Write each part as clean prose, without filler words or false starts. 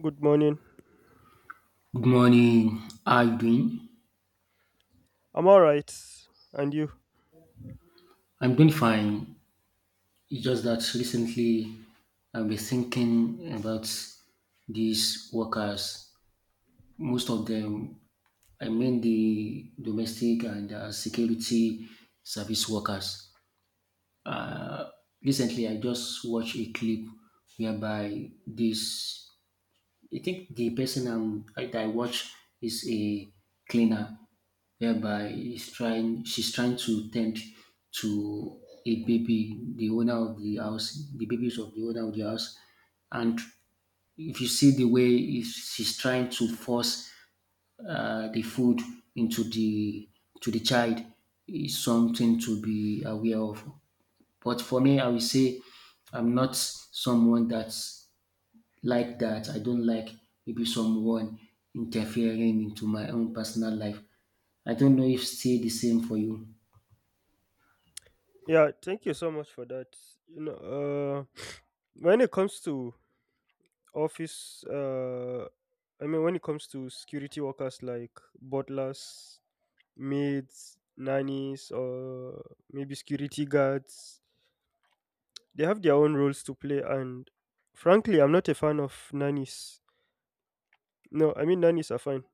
Good morning. Good morning. How are you doing? I'm all right. And you? I'm doing fine. It's just that recently I've been thinking about these workers. Most of them, I mean the domestic and security service workers. Recently, I just watched a clip whereby this I think the person I watch is a cleaner, whereby she's trying to tend to a baby, the babies of the owner of the house, and if you see the way is she's trying to force the food into the to the child, is something to be aware of. But for me, I will say I'm not someone that's like that. I don't like maybe someone interfering into my own personal life. I don't know if still the same for you. Yeah, thank you so much for that. You know, uh, when it comes to office, uh, when it comes to security workers like butlers, maids, nannies, or maybe security guards, they have their own roles to play. And frankly, I'm not a fan of nannies. No, I mean, nannies are fine.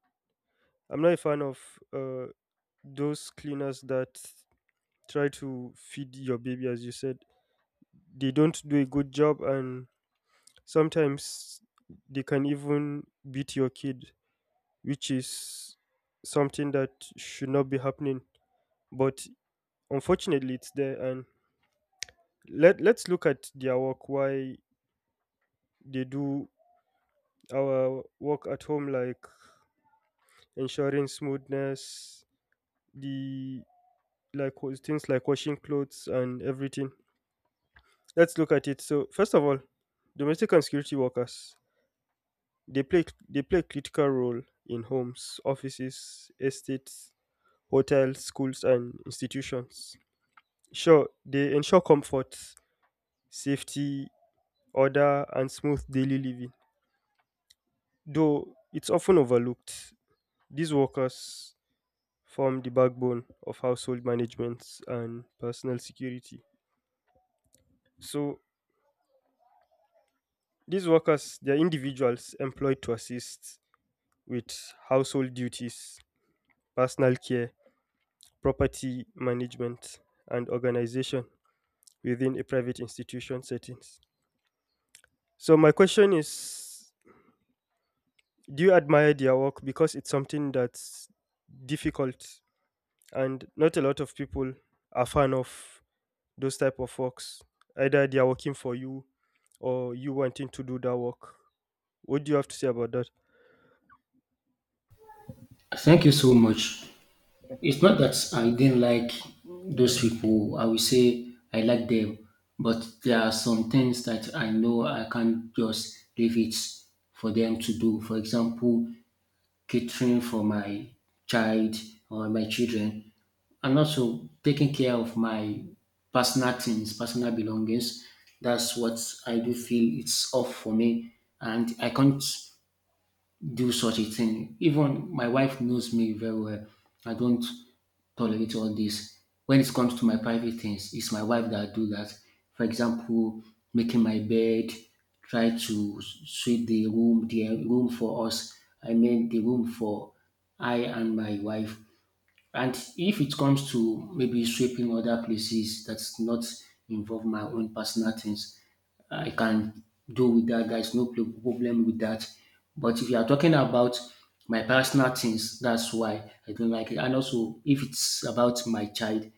I'm not a fan of uh, those cleaners that try to feed your baby, as you said. They don't do a good job, and sometimes they can even beat your kid, which is something that should not be happening, but unfortunately it's there. And let's look at their work. Why they do our work at home, like ensuring smoothness, the things like washing clothes and everything. Let's look at it. So first of all, domestic and security workers, they play critical role in homes, offices, estates, hotels, schools and institutions. Sure, they ensure comfort, safety, order and smooth daily living. Though it's often overlooked, these workers form the backbone of household management and personal security. So these workers, they are individuals employed to assist with household duties, personal care, property management, and organization within a private institution settings. So my question is, do you admire their work, because it's something that's difficult and not a lot of people are fan of those type of works? Either they are working for you or you wanting to do that work. What do you have to say about that? Thank you so much. It's not that I didn't like those people. I will say I like them, but there are some things that I know I can't just leave it for them to do. For example, catering for my child or my children, and also taking care of my personal things, personal belongings. That's what I do feel it's off for me, and I can't do such a thing. Even my wife knows me very well. I don't tolerate all this. When it comes to my private things, it's my wife that do that. For example, making my bed, try to sweep the room, for us. I mean the room for I and my wife. And if it comes to maybe sweeping other places that's not involve my own personal things, I can do with that. There's no problem with that. But if you are talking about my personal things, that's why I don't like it. And also, if it's about my child,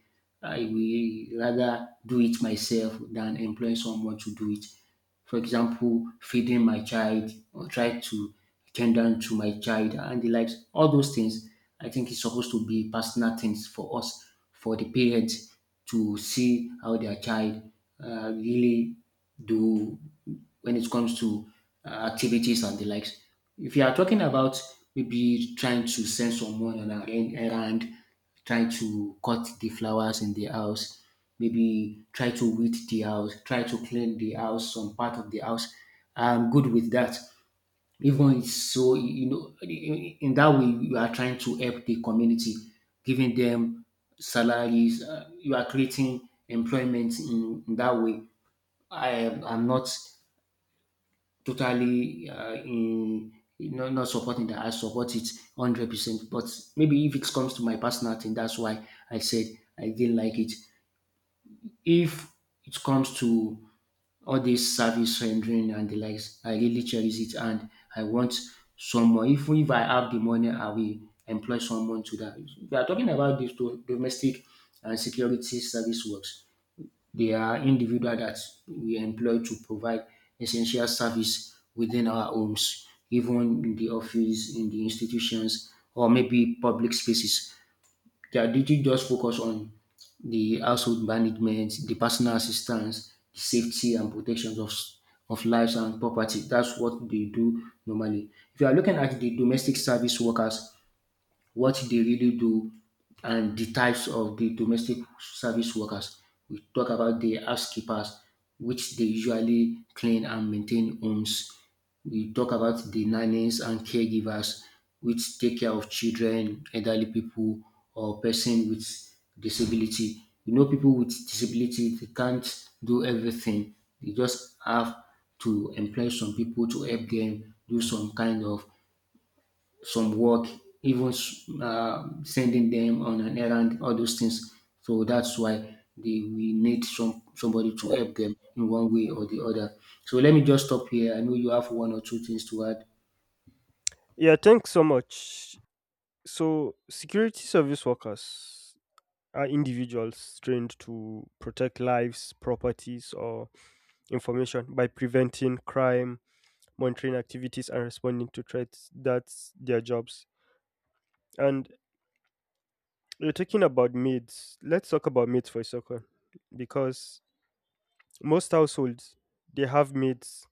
I will rather do it myself than employ someone to do it, for example, feeding my child or try to tend down to my child and the likes. All those things, I think is supposed to be personal things for us, for the parents to see how their child really do when it comes to activities and the likes. If you are talking about maybe trying to send someone on an errand, try to cut the flowers in the house, maybe try to weed the house, try to clean the house, some part of the house. I'm good with that. Even it's so, you know, in that way, you are trying to help the community, giving them salaries. You are creating employment in that way. I'm not totally in not supporting that. I support it 100%. But maybe if it comes to my personal thing, that's why I said I didn't like it. If it comes to all this service rendering and the likes, I really cherish it and I want someone. If I have the money, I will employ someone to that. We are talking about this to domestic and security service works. They are individual that we employ to provide essential service within our homes, even in the office, in the institutions, or maybe public spaces. They are did just focus on the household management, the personal assistance, the safety and protection of lives and property. That's what they do normally. If you are looking at the domestic service workers, what they really do and the types of the domestic service workers. We talk about the housekeepers, which they usually clean and maintain homes. We talk about the nannies and caregivers, which take care of children, elderly people, or person with disability. You know, people with disability they can't do everything. They just have to employ some people to help them do some kind of some work, even sending them on an errand, all those things. So that's why they we need somebody to help them in one way or the other. So let me just stop here. I know you have one or two things to add. Yeah, thanks so much. So, security service workers are individuals trained to protect lives, properties, or information by preventing crime, monitoring activities, and responding to threats. That's their jobs. And you're talking about maids. Let's talk about maids for a second, because most households, they have maids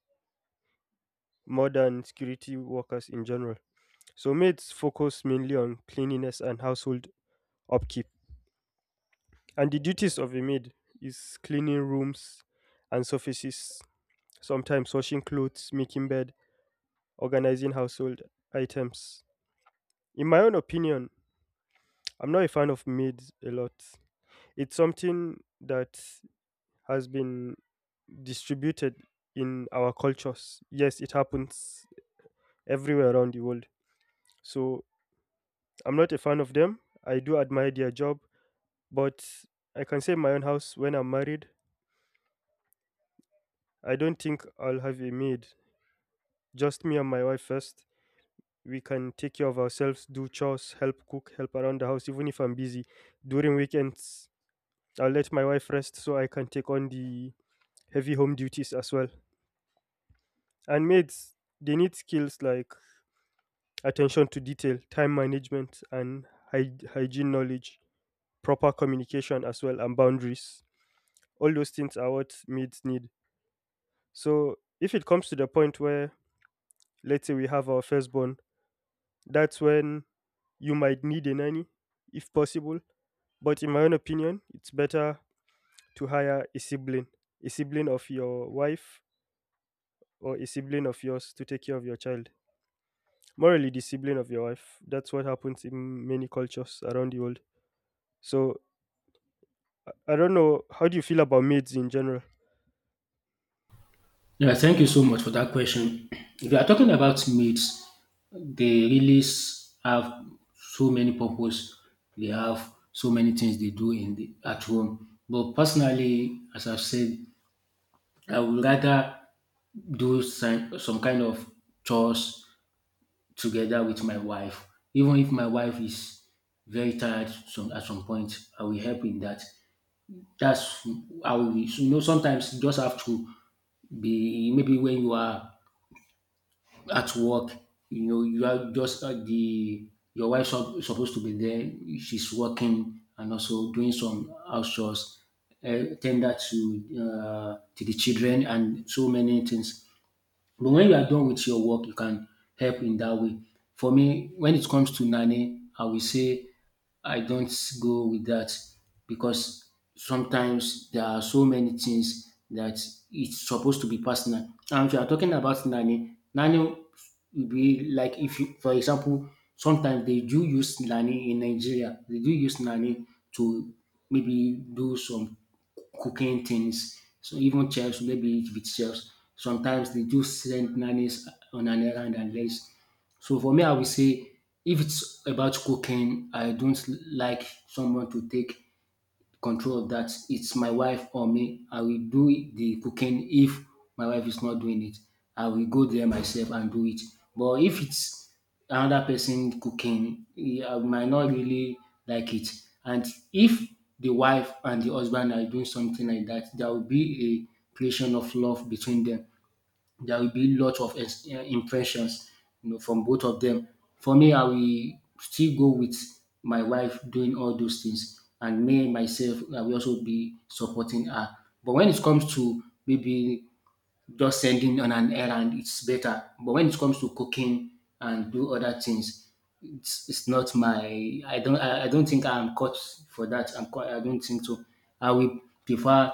more than security workers in general. So maids focus mainly on cleanliness and household upkeep. And the duties of a maid is cleaning rooms and surfaces, sometimes washing clothes, making bed, organizing household items. In my own opinion, I'm not a fan of maids a lot. It's something that has been distributed in our cultures. Yes, it happens everywhere around the world. So I'm not a fan of them. I do admire their job, but I can say in my own house when I'm married, I don't think I'll have a maid. Just me and my wife first. We can take care of ourselves, do chores, help cook, help around the house, even if I'm busy during weekends. I'll let my wife rest so I can take on the heavy home duties as well. And maids, they need skills like attention to detail, time management, and hygiene knowledge, proper communication as well, and boundaries. All those things are what maids need. So if it comes to the point where, let's say, we have our firstborn, that's when you might need a nanny, if possible. But in my own opinion, it's better to hire a sibling of your wife or a sibling of yours to take care of your child. Morally, the sibling of your wife. That's what happens in many cultures around the world. So I don't know. How do you feel about maids in general? Yeah, thank you so much for that question. If you are talking about maids, they really have so many purpose. They have so many things they do in at home. But personally, as I've said, I would rather do some kind of chores together with my wife. Even if my wife is very at some point, I will help in that. That's you know, sometimes you just have to be, maybe when you are at work, you know, you are just at your wife is supposed to be there, she's working and also doing some house chores, tender to the children and so many things. But when you are done with your work, you can help in that way. For me, when it comes to nanny, I will say I don't go with that because sometimes there are so many things that it's supposed to be personal. And if you are talking about nanny, nanny will be like if you, for example, sometimes they do use nanny in Nigeria. They do use nanny to maybe do some cooking things. So even chefs, maybe with chefs, sometimes they do send nannies on an errand and less. So for me, I will say if it's about cooking, I don't like someone to take control of that. It's my wife or me. I will do the cooking if my wife is not doing it. I will go there myself and do it. But if it's another person cooking, eh, I might not really like it. And if the wife and the husband are doing something like that, there will be a creation of love between them. There will be lots of impressions, you know, from both of them. For me, I will still go with my wife doing all those things, and me myself, I will also be supporting her. But when it comes to maybe just sending on an errand it's better, but when it comes to cooking and do other things it's not my I don't think I'm cut for that. I don't think so. I will prefer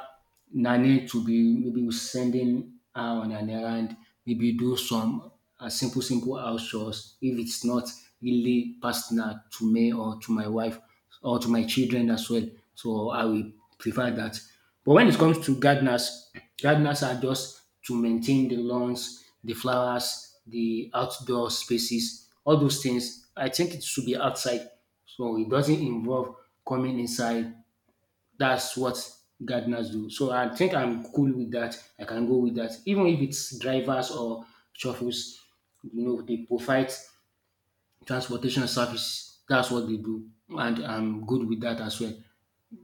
nanny to be maybe sending her on an errand, maybe do some simple house chores if it's not really personal to me or to my wife or to my children as well. So I will prefer that. But when it comes to gardeners, gardeners are just to maintain the lawns, the flowers, the outdoor spaces, all those things. I think it should be outside. So it doesn't involve coming inside. That's what gardeners do. So I think I'm cool with that. I can go with that. Even if it's drivers or shuffles, you know, they provide transportation service. That's what they do. And I'm good with that as well.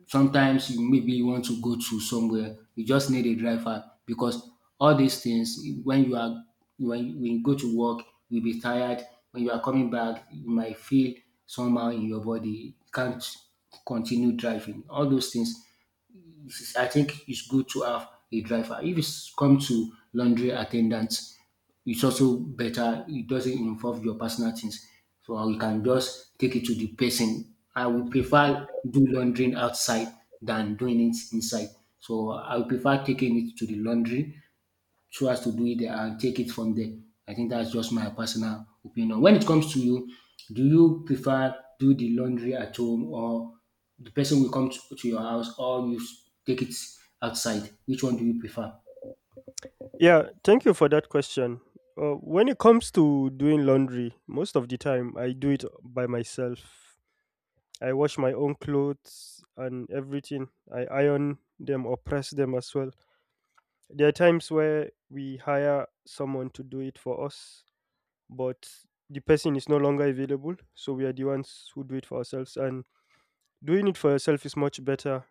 Sometimes you maybe you want to go to somewhere, you just need a driver because all these things when you are when you go to work, you'll be tired. When you are coming back, you might feel somehow in your body, you can't continue driving. All those things, it's- I think it's good to have a driver. If it's come to laundry attendants, it's also better. It doesn't involve your personal things, so you can just take it to the person. I would prefer do laundry outside than doing it inside. So I would prefer taking it to the laundry so as to do it and take it from there. I think that's just my personal opinion. When it comes to you, do you prefer do the laundry at home or the person will come to your house, or you take it outside? Which one do you prefer? Yeah, thank you for that question. When it comes to doing laundry, most of the time I do it by myself. I wash my own clothes and everything. I iron them or press them as well. There are times where we hire someone to do it for us, but the person is no longer available, so we are the ones who do it for ourselves. And doing it for yourself is much better.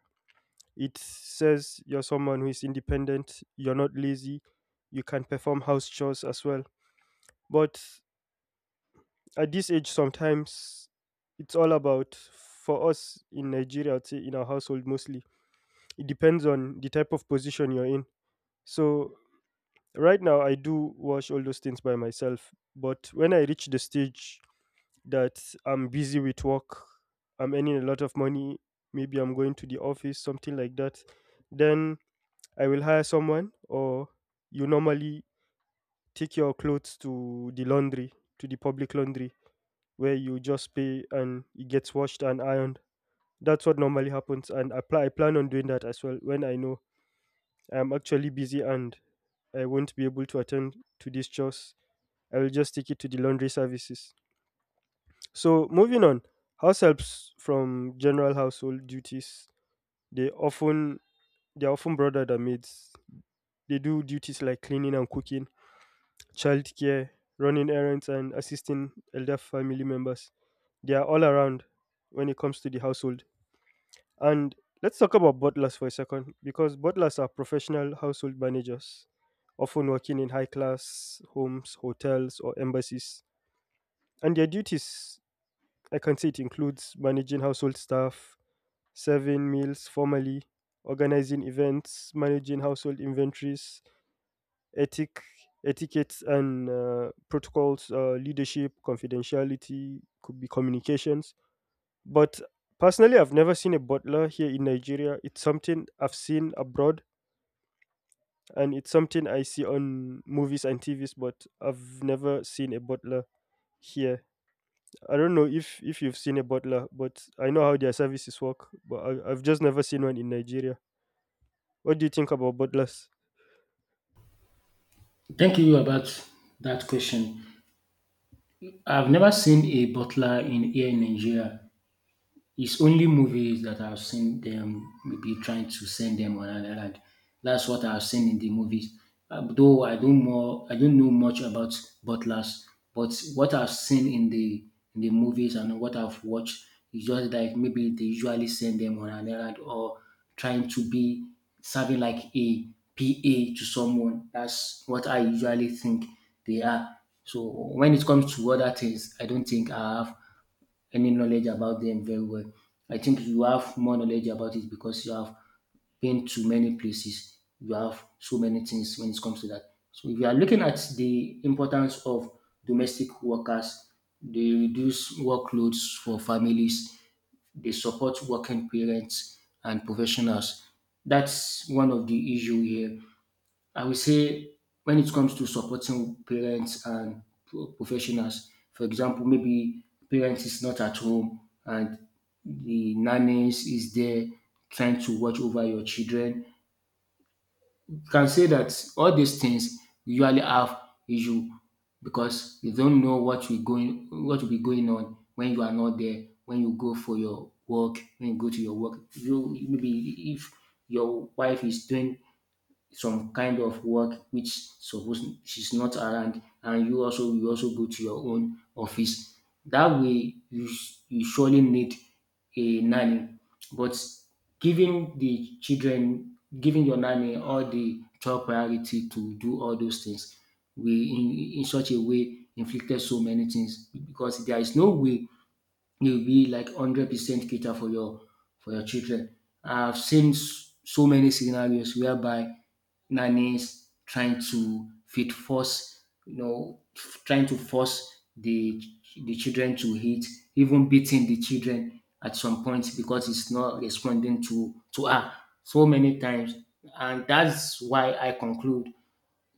It says you're someone who is independent, you're not lazy, you can perform house chores as well. But at this age sometimes, it's all about for us in Nigeria. I'd say in our household mostly it depends on the type of position you're in. So right now I do wash all those things by myself, but when I reach the stage that I'm busy with work, I'm earning a lot of money, maybe I'm going to the office, something like that, then I will hire someone, or you normally take your clothes to the laundry, to the public laundry, where you just pay and it gets washed and ironed. That's what normally happens, and I plan on doing that as well when I know I'm actually busy and I won't be able to attend to these chores. I will just take it to the laundry services. So, moving on, house helps from general household duties. They often they are often broader than maids. They do duties like cleaning and cooking, childcare, running errands, and assisting elder family members. They are all around when it comes to the household. And let's talk about butlers for a second, because butlers are professional household managers, often working in high class homes, hotels, or embassies. And their duties, I can say, it includes managing household staff, serving meals formally, organizing events, managing household inventories, ethic, etiquettes and protocols, leadership, confidentiality, could be communications. But personally, I've never seen a butler here in Nigeria. It's something I've seen abroad, and it's something I see on movies and TVs, but I've never seen a butler here. I don't know if you've seen a butler, but I know how their services work. But I've just never seen one in Nigeria. What do you think about butlers? Thank you about that question. I've never seen a butler in here in Nigeria. It's only movies that I've seen them maybe trying to send them on an island. That's what I've seen in the movies. Though I don't know much about butlers, but what I've seen in the movies and what I've watched is just like maybe they usually send them on an island or trying to be serving like a PA to someone. That's what I usually think they are. So when it comes to other things, I don't think I have any knowledge about them very well. I think you have more knowledge about it because you have been to many places. You have so many things when it comes to that. So if you are looking at the importance of domestic workers, they reduce workloads for families, they support working parents and professionals. That's one of the issue here. I would say when it comes to supporting parents and professionals, for example, maybe parents is not at home and the nannies is there trying to watch over your children. You can say that all these things usually have issue because you don't know what will be going on when you are not there, when you go for your work, when you go to your work. You maybe if your wife is doing some kind of work which suppose she's not around and you also go to your own office. That way you surely need a nanny, but giving your nanny all the top priority to do all those things we in such a way inflicted so many things, because there is no way you be like 100% cater for your children. I've seen so many scenarios whereby nannies trying to fit force, you know, f- trying to force the children to eat, even beating the children at some point because it's not responding to her so many times, and that's why I conclude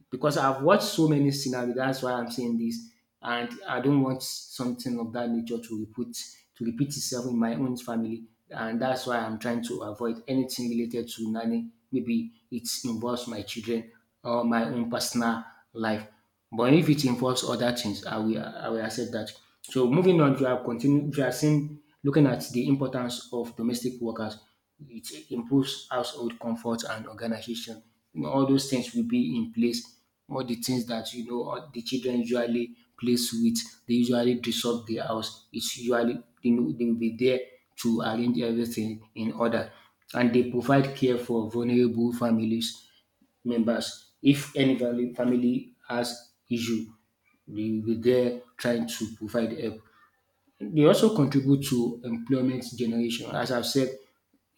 because I've watched so many scenarios. That's why I'm saying this, and I don't want something of that nature to repeat itself in my own family, and that's why I'm trying to avoid anything related to nanny. Maybe it involves my children or my own personal life. But if it involves other things, I will accept that. So moving on, you are continue you are seeing looking at the importance of domestic workers. It improves household comfort and organization. You know, all those things will be in place. All the things that, you know, all the children usually plays with, they usually disrupt the house. It's usually they know they will be there to arrange everything in order. And they provide care for vulnerable families members. If any family has issue, they will be there trying to provide help. They also contribute to employment generation. As I've said,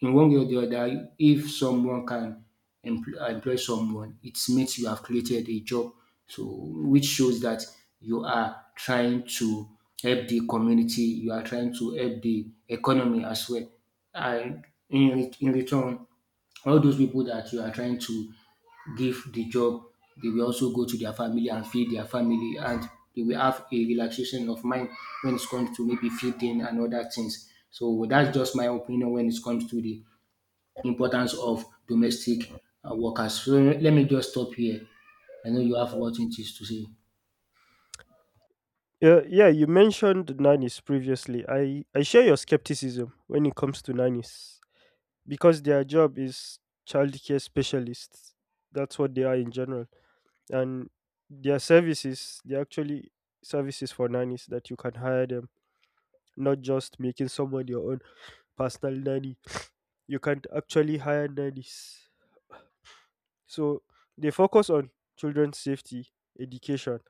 in one way or the other, if someone can employ someone, it means you have created a job. So, which shows that you are trying to help the community, you are trying to help the economy as well. And in, in return, all those people that you are trying to give the job, they will also go to their family and feed their family, and they will have a relaxation of mind when it comes to maybe feeding and other things. So that's just my opinion when it comes to the importance of domestic workers. So let me just stop here. I know you have what it is to say. Yeah, yeah, you mentioned nannies previously. I share your skepticism when it comes to nannies, because their job is childcare specialists. That's what they are in general. And their services, they're actually services for nannies that you can hire them, not just making someone your own personal nanny. You can actually hire nannies. So they focus on children's safety, education,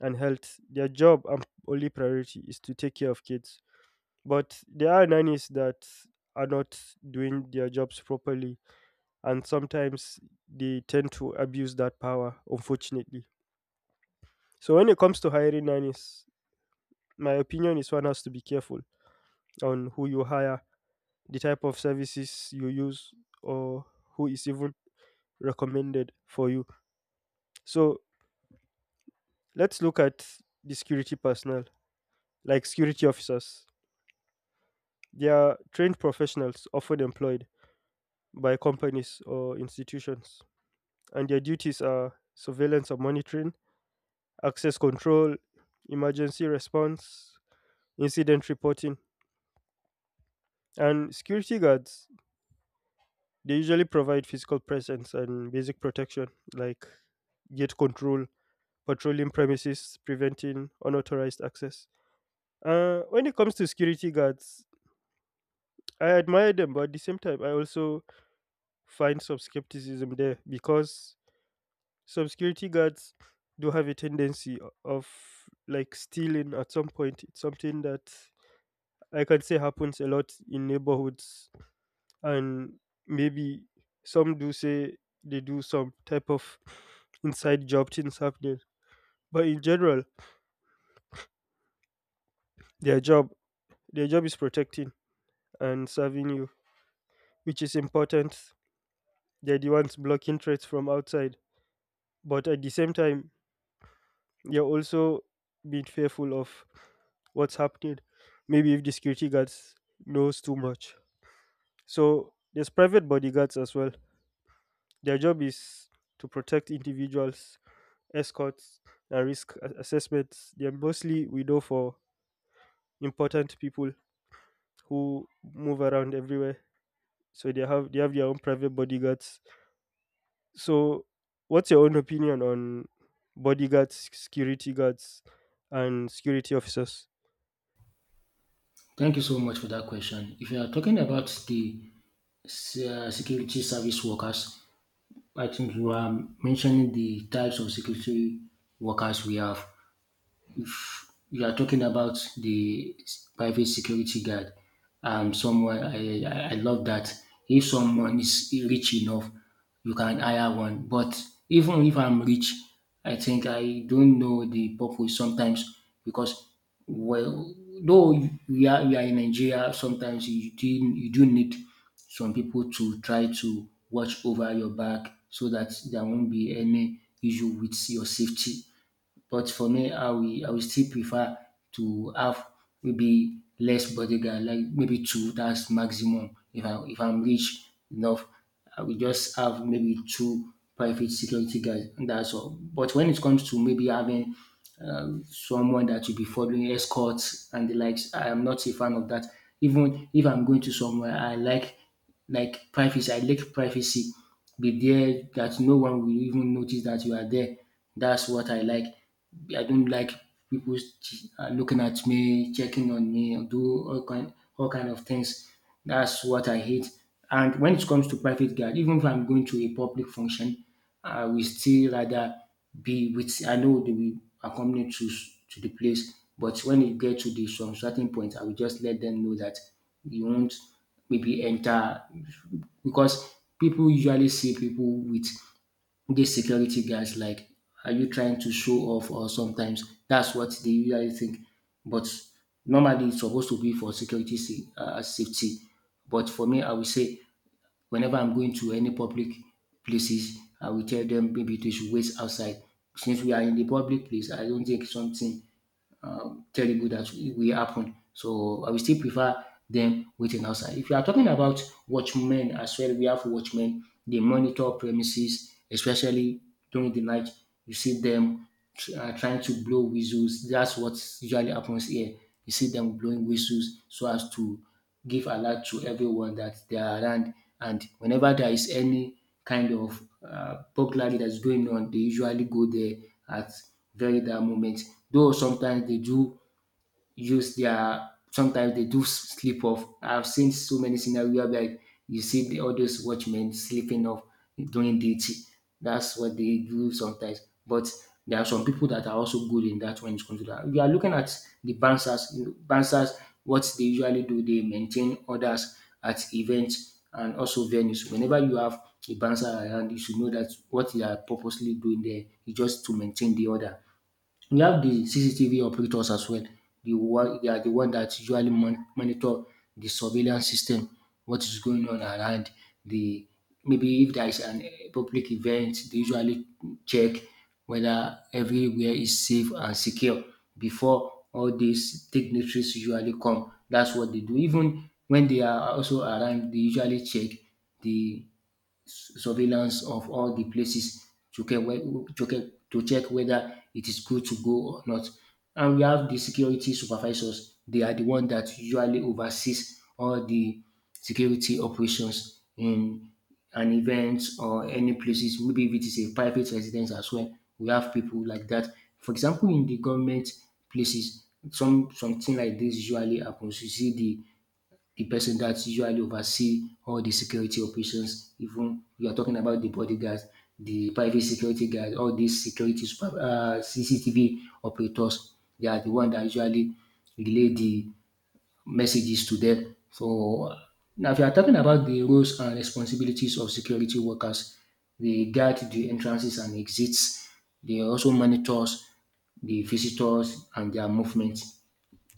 and health. Their job and only priority is to take care of kids. But there are nannies that are not doing their jobs properly, and sometimes they tend to abuse that power, unfortunately. So, when it comes to hiring nannies, my opinion is one has to be careful on who you hire, the type of services you use, or who is even recommended for you. So, let's look at the security personnel, like security officers. They are trained professionals often employed by companies or institutions, and their duties are surveillance and monitoring, access control, emergency response, incident reporting. And security guards, they usually provide physical presence and basic protection, like gate control, patrolling premises, preventing unauthorized access. When it comes to security guards, I admire them, but at the same time, I also find some skepticism there, because some security guards do have a tendency of like stealing at some point. It's something that I can say happens a lot in neighborhoods, and maybe some do say they do some type of inside job things happening. But in general, their job, their job is protecting and serving you, which is important. They're the ones blocking threats from outside, but at the same time, you're also being fearful of what's happening. Maybe if the security guards knows too much. So there's private bodyguards as well. Their job is to protect individuals, escorts, and assessments. They're mostly we know for important people who move around everywhere. So they have their own private bodyguards. So what's your own opinion on bodyguards, security guards, and security officers? Thank you so much for that question. If you are talking about the security service workers, I think you are mentioning the types of security workers we have. If you are talking about the private security guard, someone I love that. If someone is rich enough, you can hire one. But even if I'm rich, I think I don't know the purpose sometimes, because, well, though we are in Nigeria, sometimes you do need some people to try to watch over your back so that there won't be any issue with your safety. But for me, I will still prefer to have maybe less bodyguard, like maybe two. That's maximum. If I'm rich enough, I will just have maybe two private security guards. And That's all. But when it comes to maybe having someone that will be following escorts and the likes, I am not a fan of that. Even if I'm going to somewhere, I like privacy. I like privacy. Be there that no one will even notice that you are there. That's what I like. I don't like people looking at me, checking on me, and do all kind of things. That's what I hate. And when it comes to private guard, even if I'm going to a public function, I will still rather be with. I know they will accompany to the place, but when it get to the some certain point, I will just let them know that you won't maybe enter, because people usually see people with these security guys, like, are you trying to show off? Or sometimes that's what they usually think. But normally it's supposed to be for security safety. But for me, I will say whenever I'm going to any public places, I will tell them maybe they should wait outside. Since we are in the public place, I don't think something terrible that will happen. So I will still prefer them waiting outside. If you are talking about watchmen as well, we have watchmen. They monitor premises, especially during the night. You see them trying to blow whistles. That's what usually happens here. You see them blowing whistles so as to give alert to everyone that they are around, and whenever there is any kind of burglary that's going on, they usually go there at very that moment. Though sometimes they do sleep off. I've seen so many scenarios where like, you see the, all those watchmen sleeping off during duty. That's what they do sometimes. But there are some people that are also good in that when it comes to that. You are looking at the bouncers. You know, bouncers, what they usually do, they maintain orders at events and also venues. Whenever you have a bouncer around, you should know that what they are purposely doing there is just to maintain the order. We have the CCTV operators as well. The one that usually monitor the surveillance system, what is going on around the, maybe if there is an public event, they usually check whether everywhere is safe and secure before all these dignitaries usually come. That's what they do. Even when they are also around, they usually check the surveillance of all the places to get to get to check whether it is good to go or not. And we have the security supervisors. They are the one that usually oversees all the security operations in an event or any places. Maybe if it is a private residence as well, we have people like that. For example, in the government places, something like this usually happens. You see the person that usually oversee all the security operations, even you are talking about the bodyguards, the private security guards, all these security super CCTV operators, they are the one that usually relay the messages to them. So now if you are talking about the roles and responsibilities of security workers, they guard the entrances and exits. They also monitors the visitors and their movement.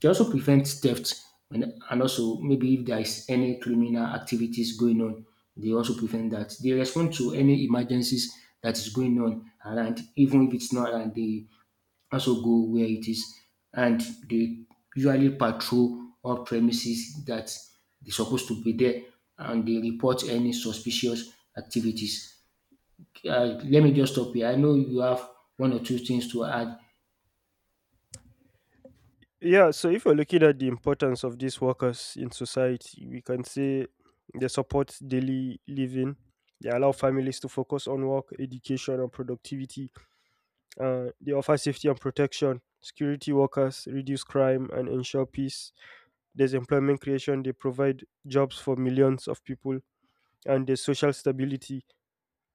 It also prevents theft, and also maybe if there is any criminal activities going on, they also prevent that. They respond to any emergencies that is going on around, even if it's not around, they also go where it is. And they usually patrol all premises that they're supposed to be there, and they report any suspicious activities. Let me just stop here. I know you have one or two things to add. Yeah, so if you're looking at the importance of these workers in society, we can say they support daily living. They allow families to focus on work, education, and productivity. They offer safety and protection. Security workers reduce crime and ensure peace. There's employment creation. They provide jobs for millions of people. And there's social stability,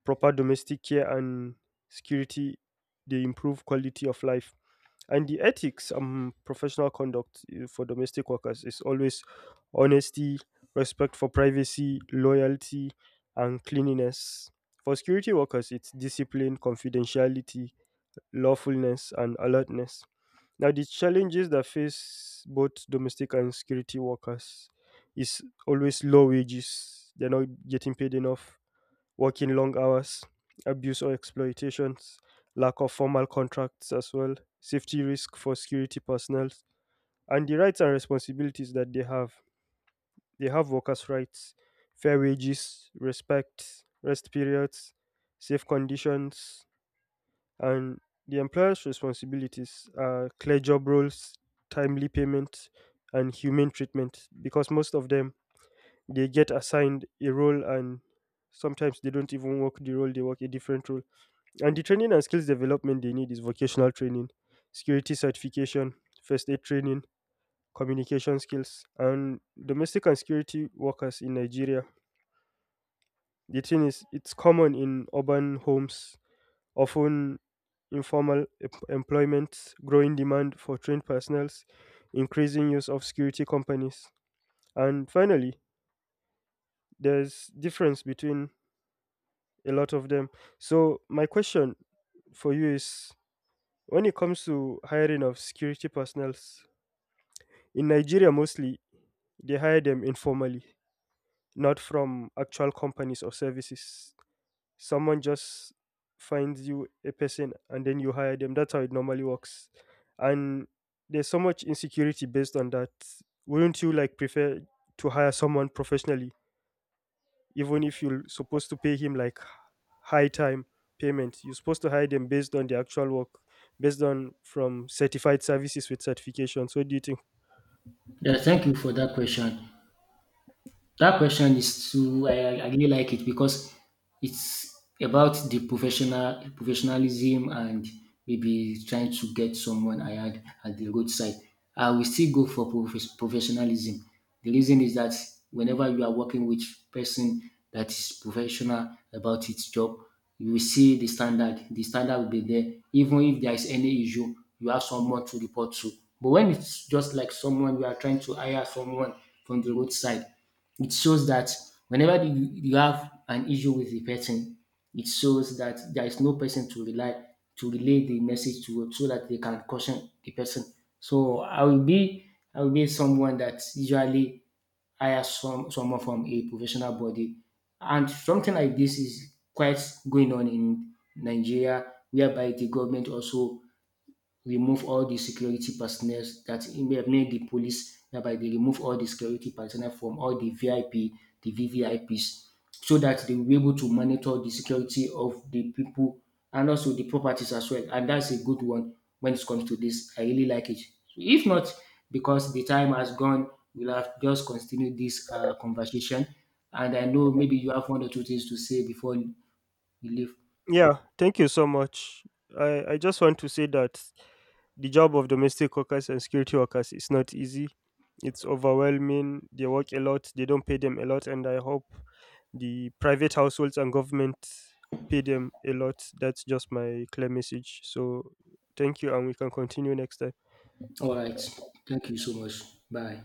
proper domestic care, and security. They improve quality of life. And the ethics and professional conduct for domestic workers is always honesty, respect for privacy, loyalty, and cleanliness. For security workers, it's discipline, confidentiality, lawfulness, and alertness. Now, the challenges that face both domestic and security workers is always low wages. They're not getting paid enough, working long hours, abuse or exploitations, lack of formal contracts as well, safety risk for security personnel, and the rights and responsibilities that they have. They have workers' rights, fair wages, respect, rest periods, safe conditions, and the employer's responsibilities are clear job roles, timely payment, and humane treatment, because most of them, they get assigned a role and sometimes they don't even work the role, they work a different role. And the training and skills development they need is vocational training, security certification, first aid training, communication skills, and domestic and security workers in Nigeria. The thing is, it's common in urban homes, often employment, growing demand for trained personnels, increasing use of security companies. And finally, there's difference between a lot of them. So my question for you is, when it comes to hiring of security personnels, in Nigeria mostly, they hire them informally, not from actual companies or services. Someone just finds you a person and then you hire them. That's how it normally works. And there's so much insecurity based on that. Wouldn't you like prefer to hire someone professionally, even if you're supposed to pay him like high time payment? You're supposed to hire them based on the actual work, based on from certified services with certifications. What do you think? Yeah, thank you for that question. That question is too. I really like it because it's about the professionalism and maybe trying to get someone I had at the roadside. I will still go for professionalism. The reason is that whenever you are working with person that is professional about its job, you will see the standard. The standard will be there. Even if there is any issue, you have someone to report to. But when it's just like someone you are trying to hire someone from the roadside, it shows that whenever you have an issue with the person, it shows that there is no person to relay the message to so that they can caution the person. So I will be someone that usually hire someone from a professional body. And something like this is quite going on in Nigeria, whereby the government also remove all the security personnel that made the police whereby they remove all the security personnel from all the VIP, the VVIPs, so that they will be able to monitor the security of the people and also the properties as well. And that's a good one when it comes to this. I really like it. So if not, because the time has gone, we'll have just continued this conversation. And I know maybe you have one or two things to say before we leave. Yeah, thank you so much. I just want to say that the job of domestic workers and security workers is not easy. It's overwhelming. They work a lot, they don't pay them a lot, and I hope the private households and government pay them a lot. That's just my clear message. So thank you, and we can continue next time. All right. Thank you so much. Bye.